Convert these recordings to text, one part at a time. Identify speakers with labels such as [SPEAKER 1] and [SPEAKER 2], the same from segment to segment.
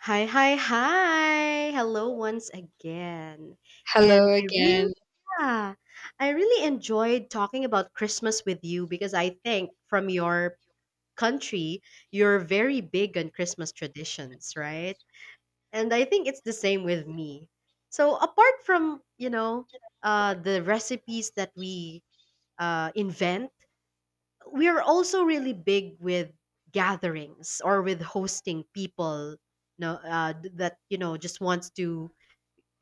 [SPEAKER 1] Hi. Hello once again. And
[SPEAKER 2] Hello
[SPEAKER 1] I really
[SPEAKER 2] again.
[SPEAKER 1] yeah, I really enjoyed talking about Christmas with you because I think from your country, you're very big on Christmas traditions, right? And I think it's the same with me. So apart from, you know, the recipes that we invent, we are also really big with gatherings or with hosting people, no, that you know just wants to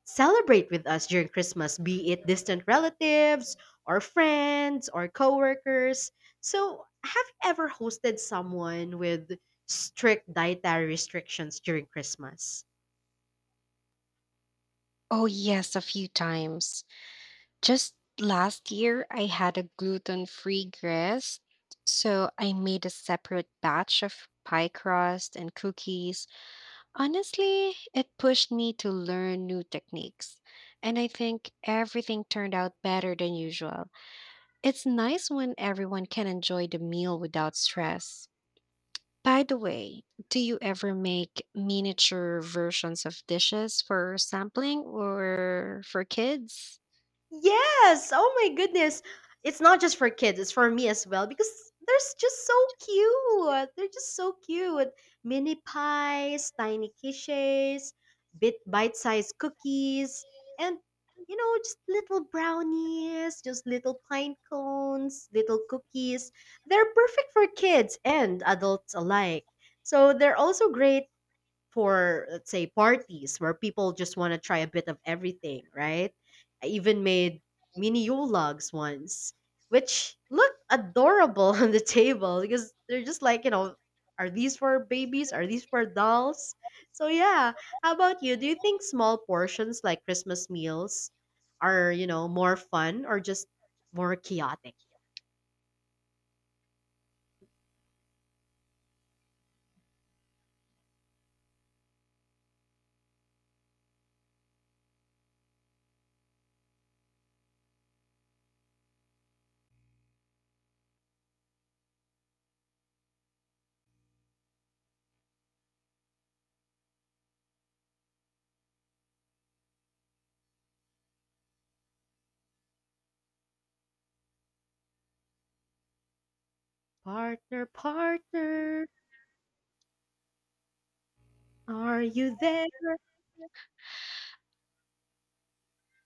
[SPEAKER 1] celebrate with us during Christmas, be it distant relatives or friends or coworkers. So have you ever hosted someone with strict dietary restrictions during Christmas?
[SPEAKER 2] Oh, yes, a few times. Just last year, I had a gluten free crust. So I made a separate batch of pie crust and cookies. Honestly, it pushed me to learn new techniques. And I think everything turned out better than usual. It's nice when everyone can enjoy the meal without stress. By the way, do you ever make miniature versions of dishes for sampling or for kids?
[SPEAKER 1] Yes. Oh my goodness. It's not just for kids, it's for me as well because just so cute. They're just so cute. Mini pies, tiny quiches, bite-sized cookies, and you know, just little brownies, just little pine cones, little cookies. They're perfect for kids and adults alike. So they're also great for, let's say, parties where people just want to try a bit of everything, right? I even made mini yologs once, which look adorable on the table because they're just like, you know, are these for babies? Are these for dolls? So yeah, how about you? Do you think small portions like Christmas meals are, you know, more fun or just more chaotic? Partner, are you there?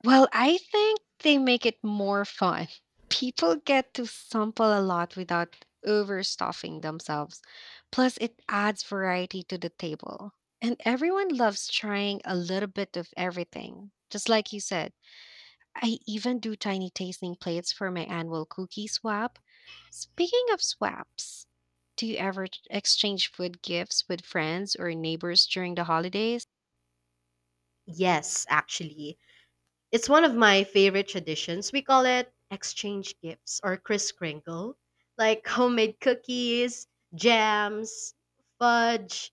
[SPEAKER 2] Well, I think they make it more fun. People get to sample a lot without overstuffing themselves. Plus, it adds variety to the table. And everyone loves trying a little bit of everything. Just like you said, I even do tiny tasting plates for my annual cookie swap. Speaking of swaps, do you ever exchange food gifts with friends or neighbors during the holidays?
[SPEAKER 1] Yes, actually. It's one of my favorite traditions. We call it exchange gifts or Kris Kringle, like homemade cookies, jams, fudge,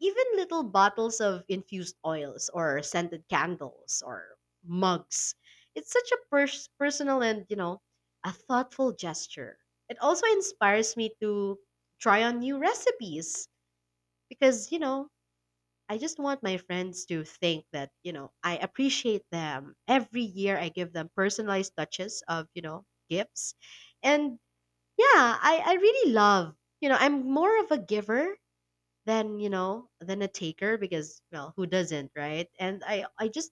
[SPEAKER 1] even little bottles of infused oils or scented candles or mugs. It's such a personal and, you know, a thoughtful gesture. It also inspires me to try on new recipes because, you know, I just want my friends to think that, you know, I appreciate them. Every year I give them personalized touches of, you know, gifts. And yeah, I really love, you know, I'm more of a giver than, you know, than a taker because, well, who doesn't, right? And I just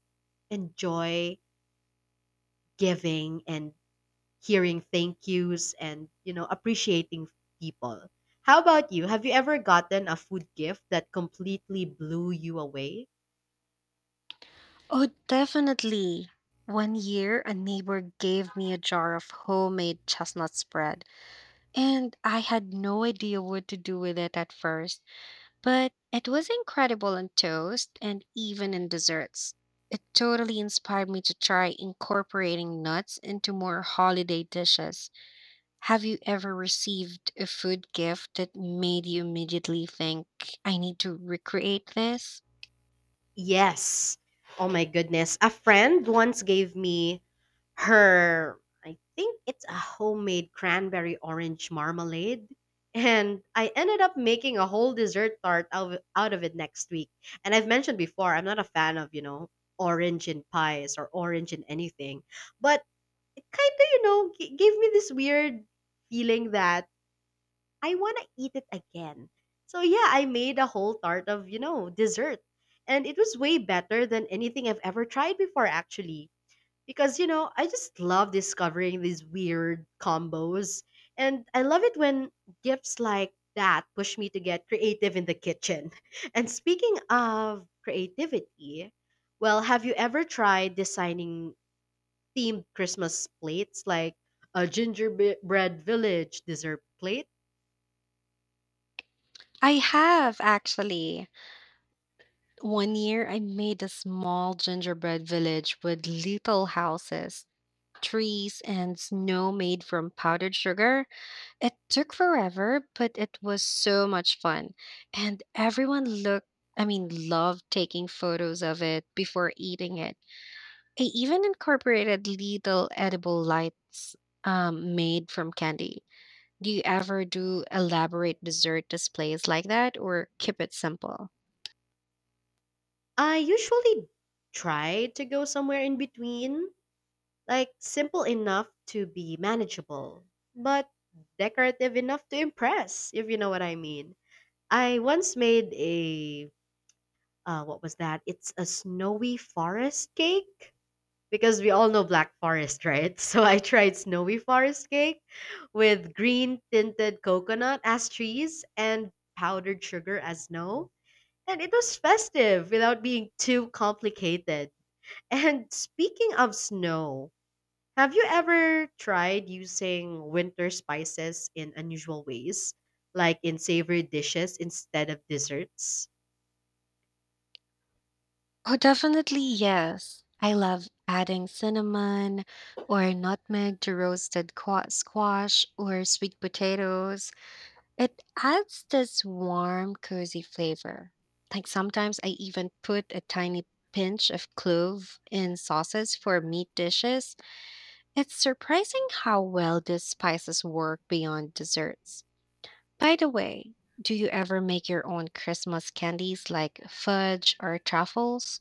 [SPEAKER 1] enjoy giving and hearing thank yous and, you know, appreciating people. How about you? Have you ever gotten a food gift that completely blew you away?
[SPEAKER 2] Oh, definitely. One year, a neighbor gave me a jar of homemade chestnut spread, and I had no idea what to do with it at first, but it was incredible in toast and even in desserts. It totally inspired me to try incorporating nuts into more holiday dishes. Have you ever received a food gift that made you immediately think, I need to recreate this?
[SPEAKER 1] Yes. Oh my goodness. A friend once gave me her, I think it's a homemade cranberry orange marmalade. And I ended up making a whole dessert tart out of it next week. And I've mentioned before, I'm not a fan of, you know, orange in pies or orange in anything. But it kind of, you know, gave me this weird feeling that I want to eat it again. So yeah, I made a whole tart of, you know, dessert. And it was way better than anything I've ever tried before, actually. Because, you know, I just love discovering these weird combos. And I love it when gifts like that push me to get creative in the kitchen. And speaking of creativity, well, have you ever tried designing themed Christmas plates like a gingerbread village dessert plate?
[SPEAKER 2] I have actually. One year I made a small gingerbread village with little houses, trees, and snow made from powdered sugar. It took forever, but it was so much fun. And everyone looked, I mean, loved taking photos of it before eating it. I even incorporated little edible lights made from candy. Do you ever do elaborate dessert displays like that or keep it simple?
[SPEAKER 1] I usually try to go somewhere in between, like simple enough to be manageable, but decorative enough to impress, if you know what I mean. I once made a, what was that? It's a snowy forest cake because we all know black forest, right? So I tried snowy forest cake with green tinted coconut as trees and powdered sugar as snow. And it was festive without being too complicated. And speaking of snow, have you ever tried using winter spices in unusual ways, like in savory dishes instead of desserts?
[SPEAKER 2] Oh, definitely yes. I love adding cinnamon or nutmeg to roasted squash or sweet potatoes. It adds this warm, cozy flavor. Like sometimes I even put a tiny pinch of clove in sauces for meat dishes. It's surprising how well these spices work beyond desserts. By the way, do you ever make your own Christmas candies like fudge or truffles?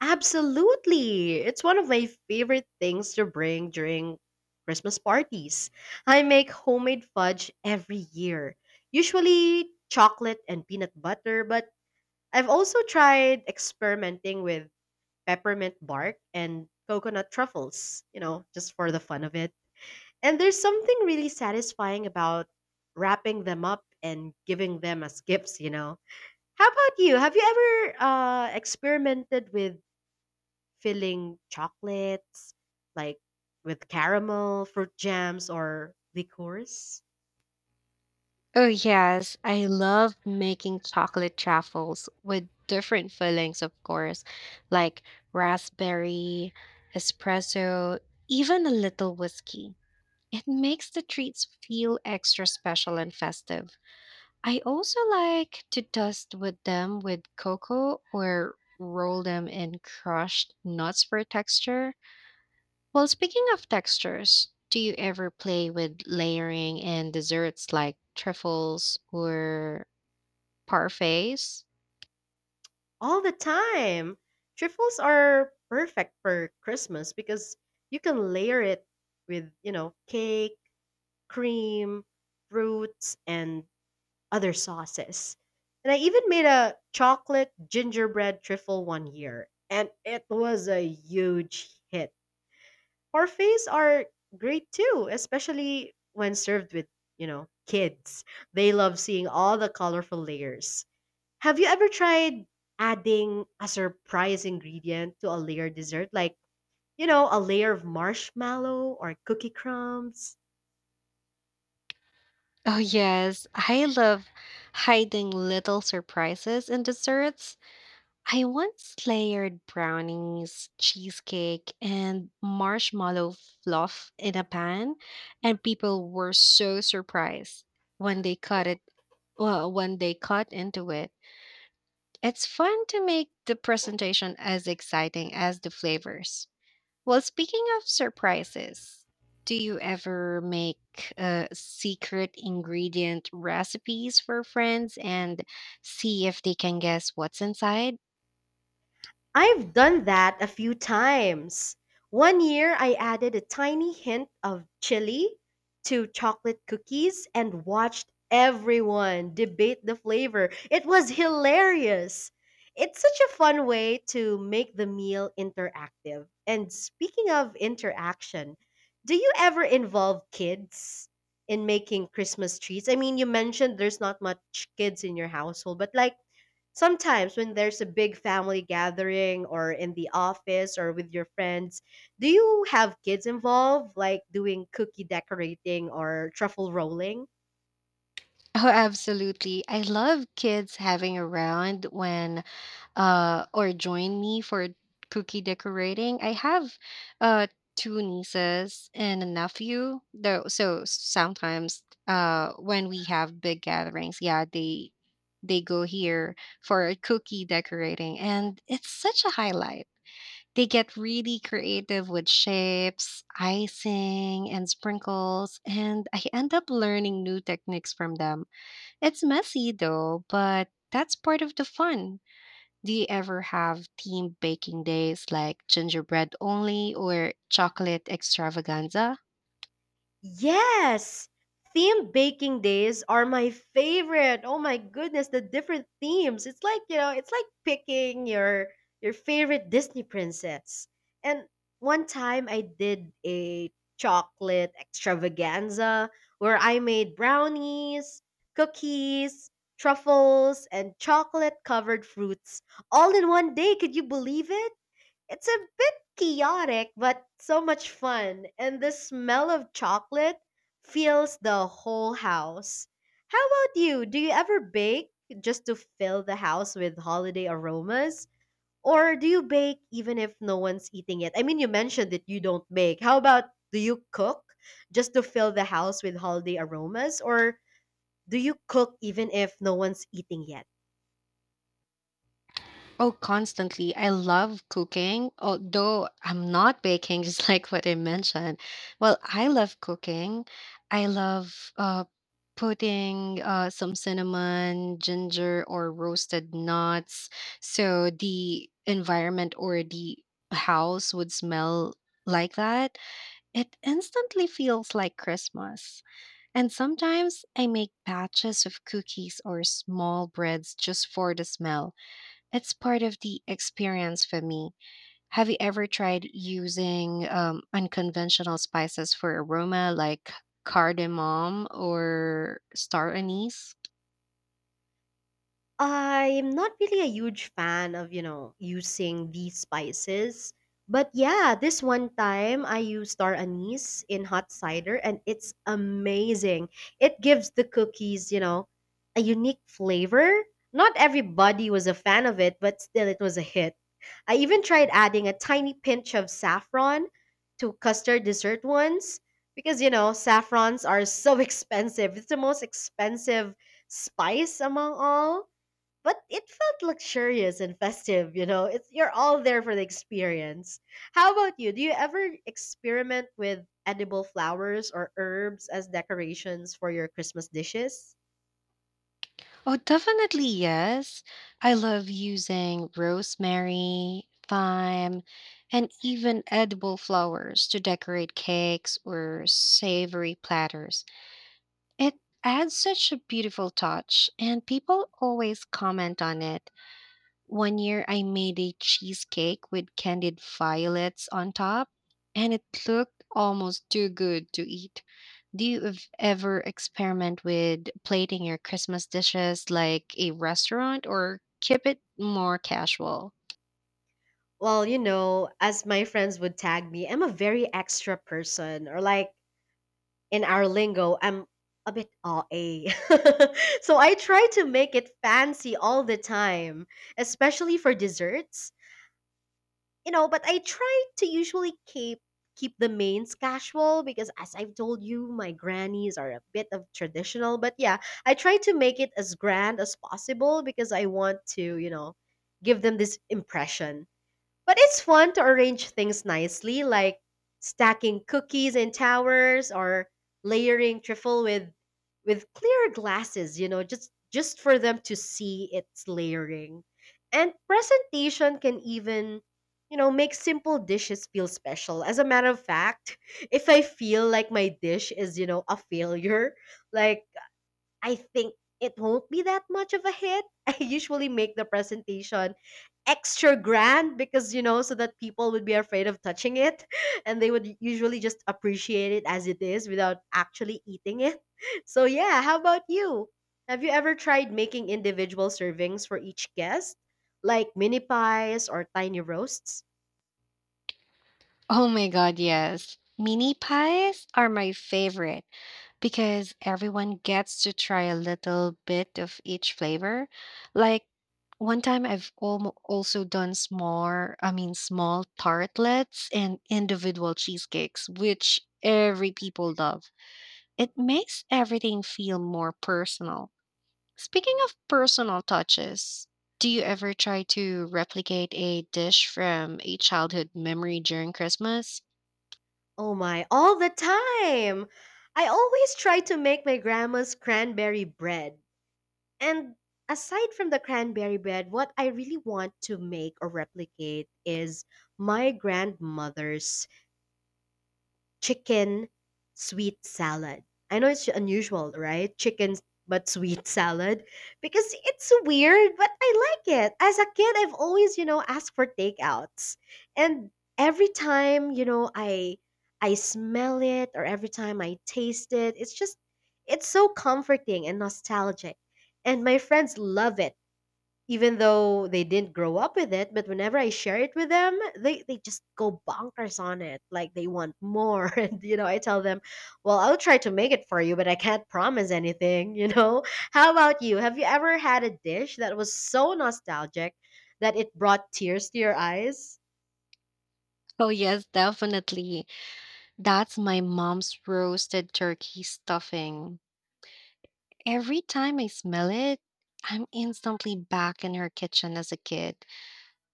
[SPEAKER 1] Absolutely. It's one of my favorite things to bring during Christmas parties. I make homemade fudge every year, usually chocolate and peanut butter, but I've also tried experimenting with peppermint bark and coconut truffles, you know, just for the fun of it. And there's something really satisfying about wrapping them up and giving them as gifts, you know. How about you? Have you ever experimented with filling chocolates, like with caramel, fruit jams, or liqueurs?
[SPEAKER 2] Oh, yes. I love making chocolate truffles with different fillings, of course, like raspberry, espresso, even a little whiskey. It makes the treats feel extra special and festive. I also like to dust with them with cocoa or roll them in crushed nuts for texture. Well, speaking of textures, do you ever play with layering in desserts like truffles or parfaits?
[SPEAKER 1] All the time. Trifles are perfect for Christmas because you can layer it with, you know, cake, cream, fruits, and other sauces. And I even made a chocolate gingerbread trifle one year, and it was a huge hit. Parfaits are great too, especially when served with, you know, kids. They love seeing all the colorful layers. Have you ever tried adding a surprise ingredient to a layered dessert, like, you know, a layer of marshmallow or cookie crumbs?
[SPEAKER 2] Oh, yes. I love hiding little surprises in desserts. I once layered brownies, cheesecake, and marshmallow fluff in a pan, and people were so surprised when they cut it. Well, when they cut into it, it's fun to make the presentation as exciting as the flavors. Well, speaking of surprises, do you ever make secret ingredient recipes for friends and see if they can guess what's inside?
[SPEAKER 1] I've done that a few times. One year I added a tiny hint of chili to chocolate cookies and watched everyone debate the flavor. It was hilarious. It's such a fun way to make the meal interactive. And speaking of interaction, do you ever involve kids in making Christmas treats? I mean, you mentioned there's not much kids in your household, but like, sometimes, when there's a big family gathering or in the office or with your friends, do you have kids involved, like doing cookie decorating or truffle rolling?
[SPEAKER 2] Oh, absolutely. I love kids having around when or join me for cookie decorating. I have uh two nieces and a nephew. Though so sometimes when we have big gatherings, yeah, they go here for cookie decorating, and it's such a highlight. They get really creative with shapes, icing, and sprinkles, and I end up learning new techniques from them. It's messy though, but that's part of the fun. Do you ever have team baking days like gingerbread only or chocolate extravaganza?
[SPEAKER 1] Yes! Theme baking days are my favorite. Oh my goodness, the different themes. It's like, you know, it's like picking your favorite Disney princess. And one time I did a chocolate extravaganza where I made brownies, cookies, truffles, and chocolate covered fruits all in one day. Could you believe it? It's a bit chaotic, but so much fun. And the smell of chocolate fills the whole house. How about you? Do you ever bake just to fill the house with holiday aromas? Or do you bake even if no one's eating it? I mean, you mentioned that you don't bake. How about, do you cook just to fill the house with holiday aromas? Or do you cook even if no one's eating yet?
[SPEAKER 2] Oh, constantly. I love cooking, although I'm not baking, just like what I mentioned. Well, I love cooking. I love putting some cinnamon, ginger, or roasted nuts. So the environment or the house would smell like that. It instantly feels like Christmas. And sometimes I make batches of cookies or small breads just for the smell. It's part of the experience for me. Have you ever tried using unconventional spices for aroma like cardamom or star anise?
[SPEAKER 1] I'm not really a huge fan of, you know, using these spices. But yeah, this one time I used star anise in hot cider and it's amazing. It gives the cookies, you know, a unique flavor. Not everybody was a fan of it, but still it was a hit. I even tried adding a tiny pinch of saffron to custard dessert once because, you know, saffrons are so expensive. It's the most expensive spice among all, but it felt luxurious and festive. You know, it's, you're all there for the experience. How about you? Do you ever experiment with edible flowers or herbs as decorations for your Christmas dishes?
[SPEAKER 2] Oh, definitely yes. I love using rosemary, thyme, and even edible flowers to decorate cakes or savory platters. It adds such a beautiful touch, and people always comment on it. One year I made a cheesecake with candied violets on top, and it looked almost too good to eat. Do you ever experiment with plating your Christmas dishes like a restaurant or keep it more casual?
[SPEAKER 1] Well, you know, as my friends would tag me, I'm a very extra person, or like in our lingo, I'm a bit aw a. So I try to make it fancy all the time, especially for desserts, you know, but I try to usually keep the mains casual because, as I've told you, my grannies are a bit of traditional, but yeah, I try to make it as grand as possible because I want to, you know, give them this impression. But it's fun to arrange things nicely, like stacking cookies in towers or layering trifle with clear glasses, you know, just for them to see its layering. And presentation can even, you know, make simple dishes feel special. As a matter of fact, if I feel like my dish is, you know, a failure, like, I think it won't be that much of a hit. I usually make the presentation extra grand because, you know, so that people would be afraid of touching it and they would usually just appreciate it as it is without actually eating it. So yeah, how about you? Have you ever tried making individual servings for each guest? Like mini pies or tiny roasts?
[SPEAKER 2] Oh my god, yes. Mini pies are my favorite, because everyone gets to try a little bit of each flavor. Like one time I've almo also done small, I mean small tartlets and individual cheesecakes, which every people love. It makes everything feel more personal. Speaking of personal touches, do you ever try to replicate a dish from a childhood memory during Christmas?
[SPEAKER 1] Oh my, all the time. I always try to make my grandma's cranberry bread. And aside from the cranberry bread, what I really want to make or replicate is my grandmother's chicken sweet salad. I know it's unusual, right? Chicken but sweet salad, because it's weird, but I like it. As a kid, I've always, you know, asked for takeouts. And every time, you know, I smell it or every time I taste it, it's just, it's so comforting and nostalgic. And my friends love it even though they didn't grow up with it. But whenever I share it with them, they just go bonkers on it, like they want more. And you know, I tell them, well, I'll try to make it for you, but I can't promise anything, you know. How about you? Have you ever had a dish that was so nostalgic that it brought tears to your eyes?
[SPEAKER 2] Oh, yes, definitely. That's my mom's roasted turkey stuffing. Every time I smell it, I'm instantly back in her kitchen as a kid.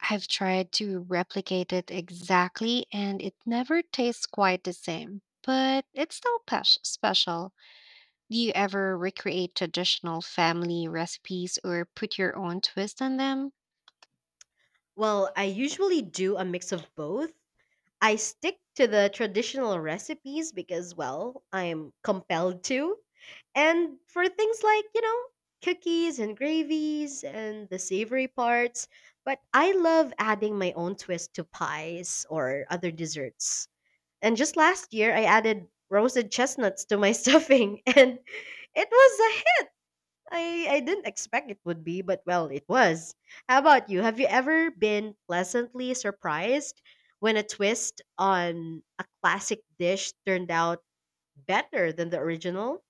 [SPEAKER 2] I've tried to replicate it exactly, and it never tastes quite the same, but it's still special. Do you ever recreate traditional family recipes or put your own twist on them?
[SPEAKER 1] Well, I usually do a mix of both. I stick to the traditional recipes because, well, I'm compelled to. And for things like, you know, cookies and gravies and the savory parts, but I love adding my own twist to pies or other desserts. And just last year, I added roasted chestnuts to my stuffing, and it was, I didn't expect it would be, but well, it was. How about you? Have you ever been pleasantly surprised when a twist on a classic dish turned out better than the original?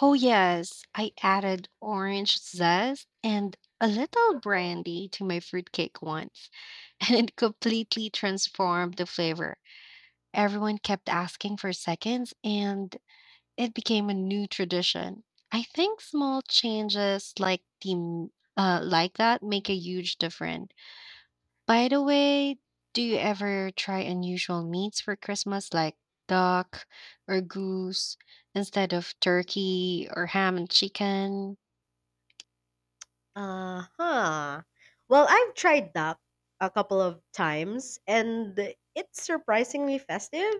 [SPEAKER 2] Oh, yes, I added orange zest and a little brandy to my fruitcake once, and it completely transformed the flavor. Everyone kept asking for seconds, and it became a new tradition. I think small changes like the like that make a huge difference. By the way, do you ever try unusual meats for Christmas, like duck or goose instead of turkey or ham and chicken?
[SPEAKER 1] Uh huh. Well, I've tried duck a couple of times, and it's surprisingly festive.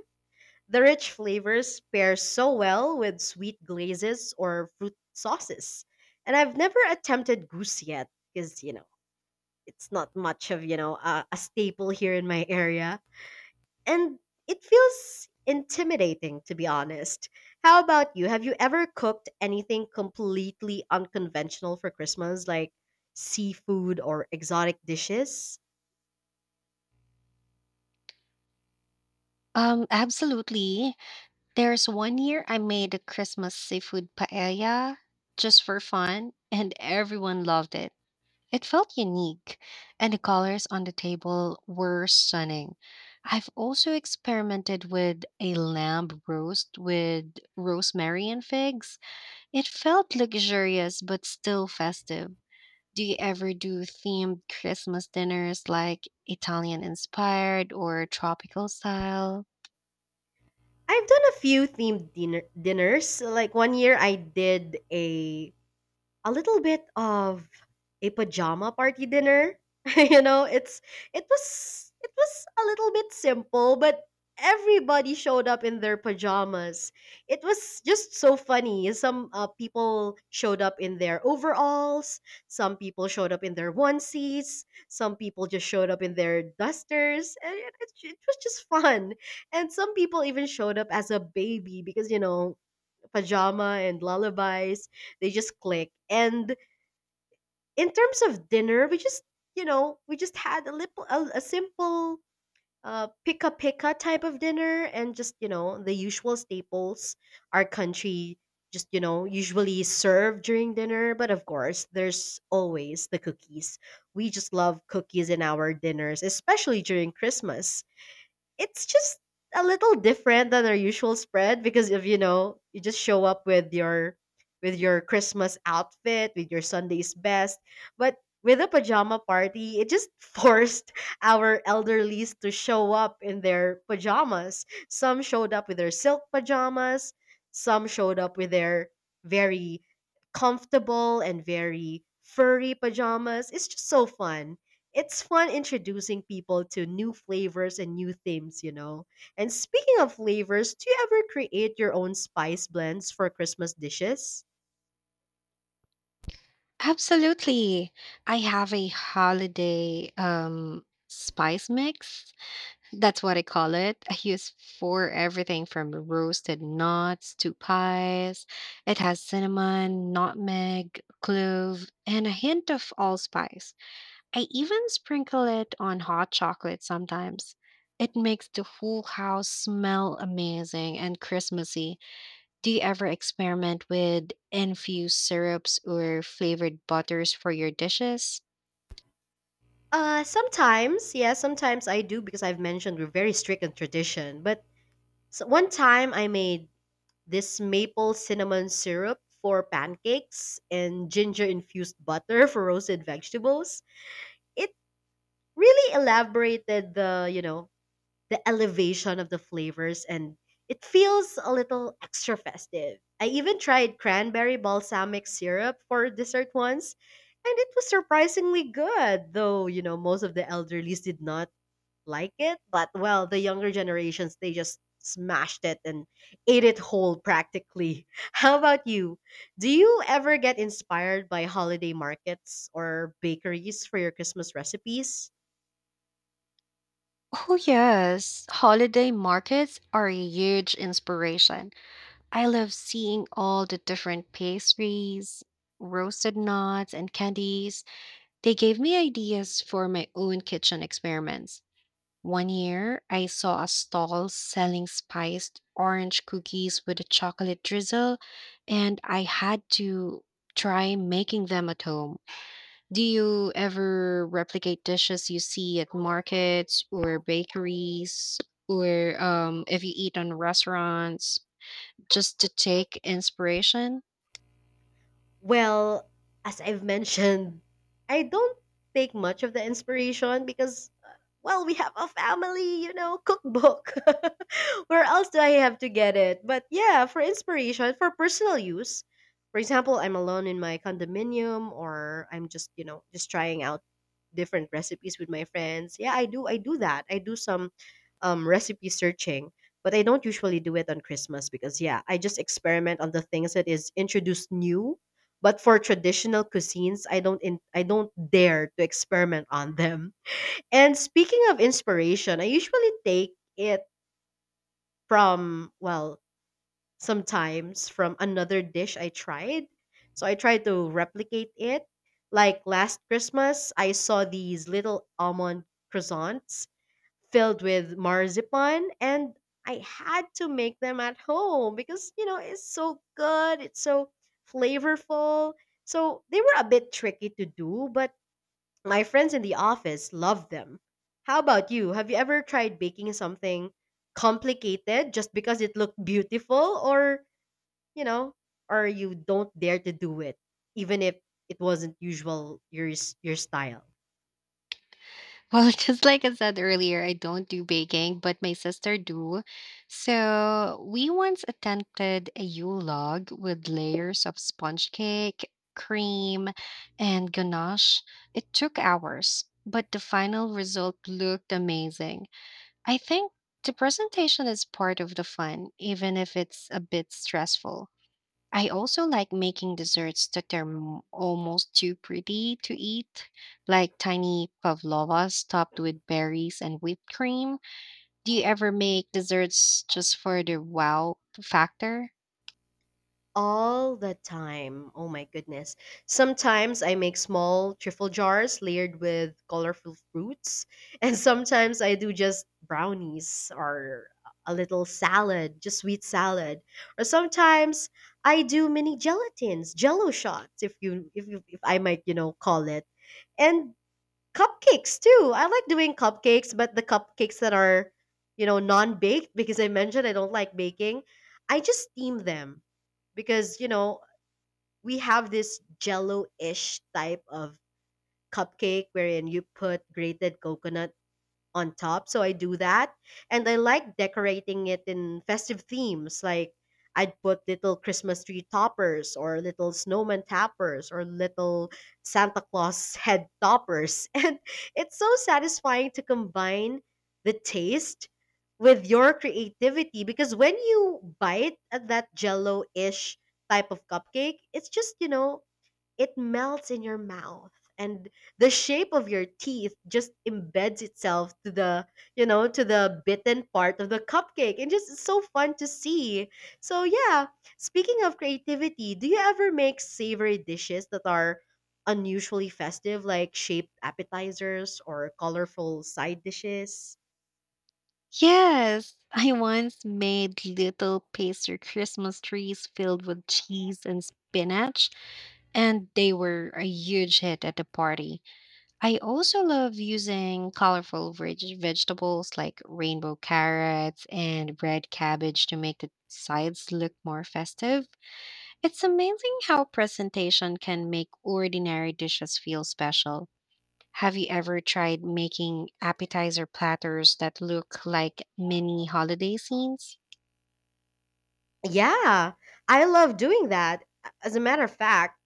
[SPEAKER 1] The rich flavors pair so well with sweet glazes or fruit sauces. And I've never attempted goose yet, because, you know, it's not much of a staple here in my area, and it feels intimidating, to be honest. How about you? Have you ever cooked anything completely unconventional for Christmas, like seafood or exotic dishes?
[SPEAKER 2] Absolutely. There's one year I made a Christmas seafood paella just for fun, and everyone loved it. It felt unique, and the colors on the table were stunning. I've also experimented with a lamb roast with rosemary and figs. It felt luxurious but still festive. Do you ever do themed Christmas dinners like Italian inspired or tropical style?
[SPEAKER 1] I've done a few themed dinners. Like one year I did a little bit of a pajama party dinner. You know, it's it was a little bit simple, but everybody showed up in their pajamas. It was just so funny. Some people showed up in their overalls, some people showed up in their onesies, some people just showed up in their dusters, and it was just fun. And some people even showed up as a baby because, you know, pajama and lullabies. They just click. And in terms of dinner, we just, you know, we just had a little a simple pika pika type of dinner, and just, you know, the usual staples our country just, you know, usually serve during dinner. But of course, there's always the cookies. We just love cookies in our dinners, especially during Christmas. It's just a little different than our usual spread, because if you know, you just show up with your Christmas outfit, with your Sunday's best. But with a pajama party, it just forced our elderlies to show up in their pajamas. Some showed up with their silk pajamas, some showed up with their very comfortable and very furry pajamas. It's just so fun. It's fun introducing people to new flavors and new themes, you know. And speaking of flavors, do you ever create your own spice blends for Christmas dishes?
[SPEAKER 2] Absolutely. I have a holiday spice mix. That's what I call it. I use for everything from roasted nuts to pies. It has cinnamon, nutmeg, clove, and a hint of allspice. I even sprinkle it on hot chocolate sometimes. It makes the whole house smell amazing and Christmassy. Do you ever experiment with infused syrups or flavored butters for your dishes?
[SPEAKER 1] Sometimes, yeah, sometimes I do, because I've mentioned we're very strict on tradition. But s one time I made this maple cinnamon syrup for pancakes and ginger infused butter for roasted vegetables. It really elaborated the, you know, the elevation of the flavors, and it feels a little extra festive. I even tried cranberry balsamic syrup for dessert once, and it was surprisingly good, though, you know, most of the elderlies did not like it. But, well, the younger generations, they just smashed it and ate it whole practically. How about you? Do you ever get inspired by holiday markets or bakeries for your Christmas recipes?
[SPEAKER 2] Oh, yes. Holiday markets are a huge inspiration. I love seeing all the different pastries, roasted nuts, and candies. They gave me ideas for my own kitchen experiments. One year, I saw a stall selling spiced orange cookies with a chocolate drizzle, and I had to try making them at home. Do you ever replicate dishes you see at markets or bakeries, or if you eat on restaurants, just to take inspiration?
[SPEAKER 1] Well, as I've mentioned, I don't take much of the inspiration because, well, we have a family, you know, cookbook. Where else do I have to get it? But yeah, for inspiration, for personal use. For example, I'm alone in my condominium, or I'm just, you know, just trying out different recipes with my friends. Yeah, I do that. I do some recipe searching, but I don't usually do it on Christmas, because yeah, I just experiment on the things that is introduced new. But for traditional cuisines, I don't dare to experiment on them. And speaking of inspiration, I usually take it from, well, sometimes from another dish I tried, so I tried to replicate it. Like last Christmas, I saw these little almond croissants filled with marzipan, and I had to make them at home, because you know, it's so good, it's so flavorful. So they were a bit tricky to do, but my friends in the office love them. How about you? Have you ever tried baking something complicated just because it looked beautiful, or, you know, or you don't dare to do it even if it wasn't usual your style?
[SPEAKER 2] Well, just like I said earlier, I don't do baking, but my sister do. So we once attempted a Yule log with layers of sponge cake, cream, and ganache. It took hours, but the final result looked amazing. I think the presentation is part of the fun, even if it's a bit stressful. I also like making desserts that are almost too pretty to eat, like tiny pavlovas topped with berries and whipped cream. Do you ever make desserts just for the wow factor?
[SPEAKER 1] All the time. Oh my goodness. Sometimes I make small trifle jars layered with colorful fruits, and sometimes I do just brownies or a little salad, just sweet salad. Or sometimes I do mini gelatins, jello shots, if you if you if I might, you know, call it. And cupcakes too. I like doing cupcakes, but the cupcakes that are, you know, non-baked, because I mentioned I don't like baking. I just steam them because, you know, we have this jello-ish type of cupcake wherein you put grated coconut on top. So I do that. And I like decorating it in festive themes. Like, I'd put little Christmas tree toppers, or little snowman toppers, or little Santa Claus head toppers. And it's so satisfying to combine the taste with your creativity, because when you bite at that jello ish type of cupcake, it's just, you know, it melts in your mouth, and the shape of your teeth just embeds itself to the, you know, to the bitten part of the cupcake. And just, it's so fun to see. So yeah, speaking of creativity, do you ever make savory dishes that are unusually festive, like shaped appetizers or colorful side dishes?
[SPEAKER 2] Yes, I once made little pastry Christmas trees filled with cheese and spinach, and they were a huge hit at the party. I also love using colorful vegetables like rainbow carrots and red cabbage to make the sides look more festive. It's amazing how presentation can make ordinary dishes feel special. Have you ever tried making appetizer platters that look like mini holiday scenes?
[SPEAKER 1] Yeah, I love doing that. As a matter of fact,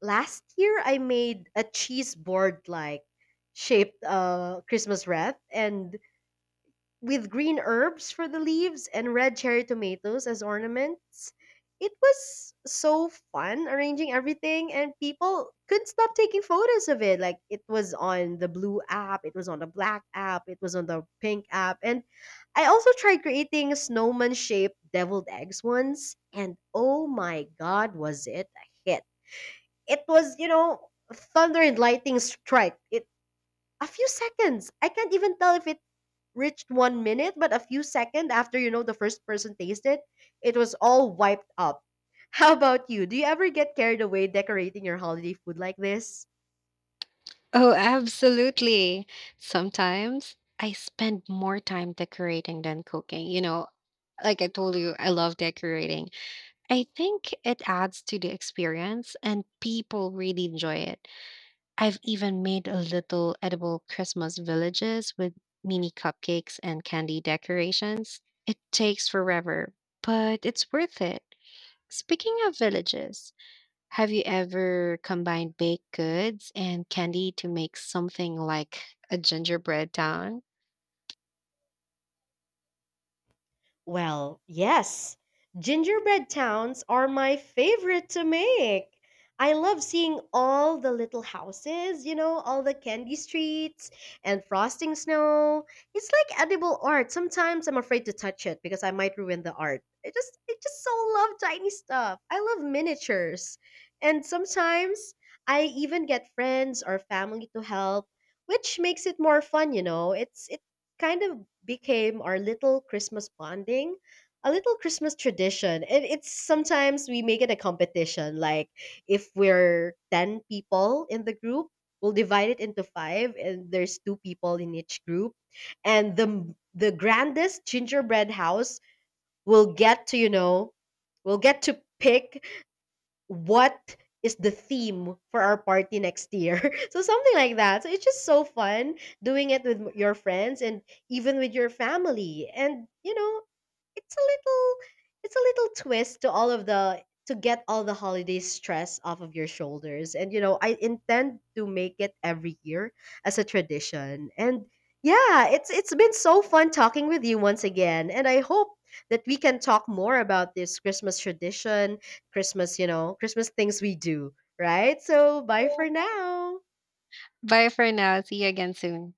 [SPEAKER 1] last year, I made a cheese board like shaped Christmas wreath, and with green herbs for the leaves and red cherry tomatoes as ornaments. It was so fun arranging everything, and people couldn't stop taking photos of it. Like, it was on the blue app, it was on the black app, it was on the pink app. And I also tried creating snowman shaped deviled eggs once, and oh my god, was it a hit! It was, you know, thunder and lightning strike. It a few seconds. I can't even tell if it reached one minute, but a few seconds after, you know, the first person tasted, it was all wiped up. How about you? Do you ever get carried away decorating your holiday food like this?
[SPEAKER 2] Oh, absolutely. Sometimes I spend more time decorating than cooking. You know, like I told you, I love decorating. I think it adds to the experience and people really enjoy it. I've even made a little edible Christmas villages with mini cupcakes and candy decorations. It takes forever, but it's worth it. Speaking of villages, have you ever combined baked goods and candy to make something like a gingerbread town?
[SPEAKER 1] Well, yes. Gingerbread towns are my favorite to make. I love seeing all the little houses, you know, all the candy streets and frosting snow. It's like edible art. Sometimes I'm afraid to touch it because I might ruin the art. I just so love tiny stuff. I love miniatures. And sometimes I even get friends or family to help, which makes it more fun, you know. It's kind of became our little Christmas bonding, a little Christmas tradition. And it's sometimes we make it a competition. Like, if we're 10 people in the group, we'll divide it into five, and there's two people in each group. And the grandest gingerbread house will get to, you know, will get to pick what is the theme for our party next year. So something like that. So it's just so fun doing it with your friends and even with your family, and you know, it's a little, it's a little twist to all of the, to get all the holiday stress off of your shoulders. And you know, I intend to make it every year as a tradition. And yeah, it's been so fun talking with you once again, and I hope that we can talk more about this Christmas tradition, Christmas, you know, Christmas things we do. Right, so bye for now.
[SPEAKER 2] Bye for now. See you again soon.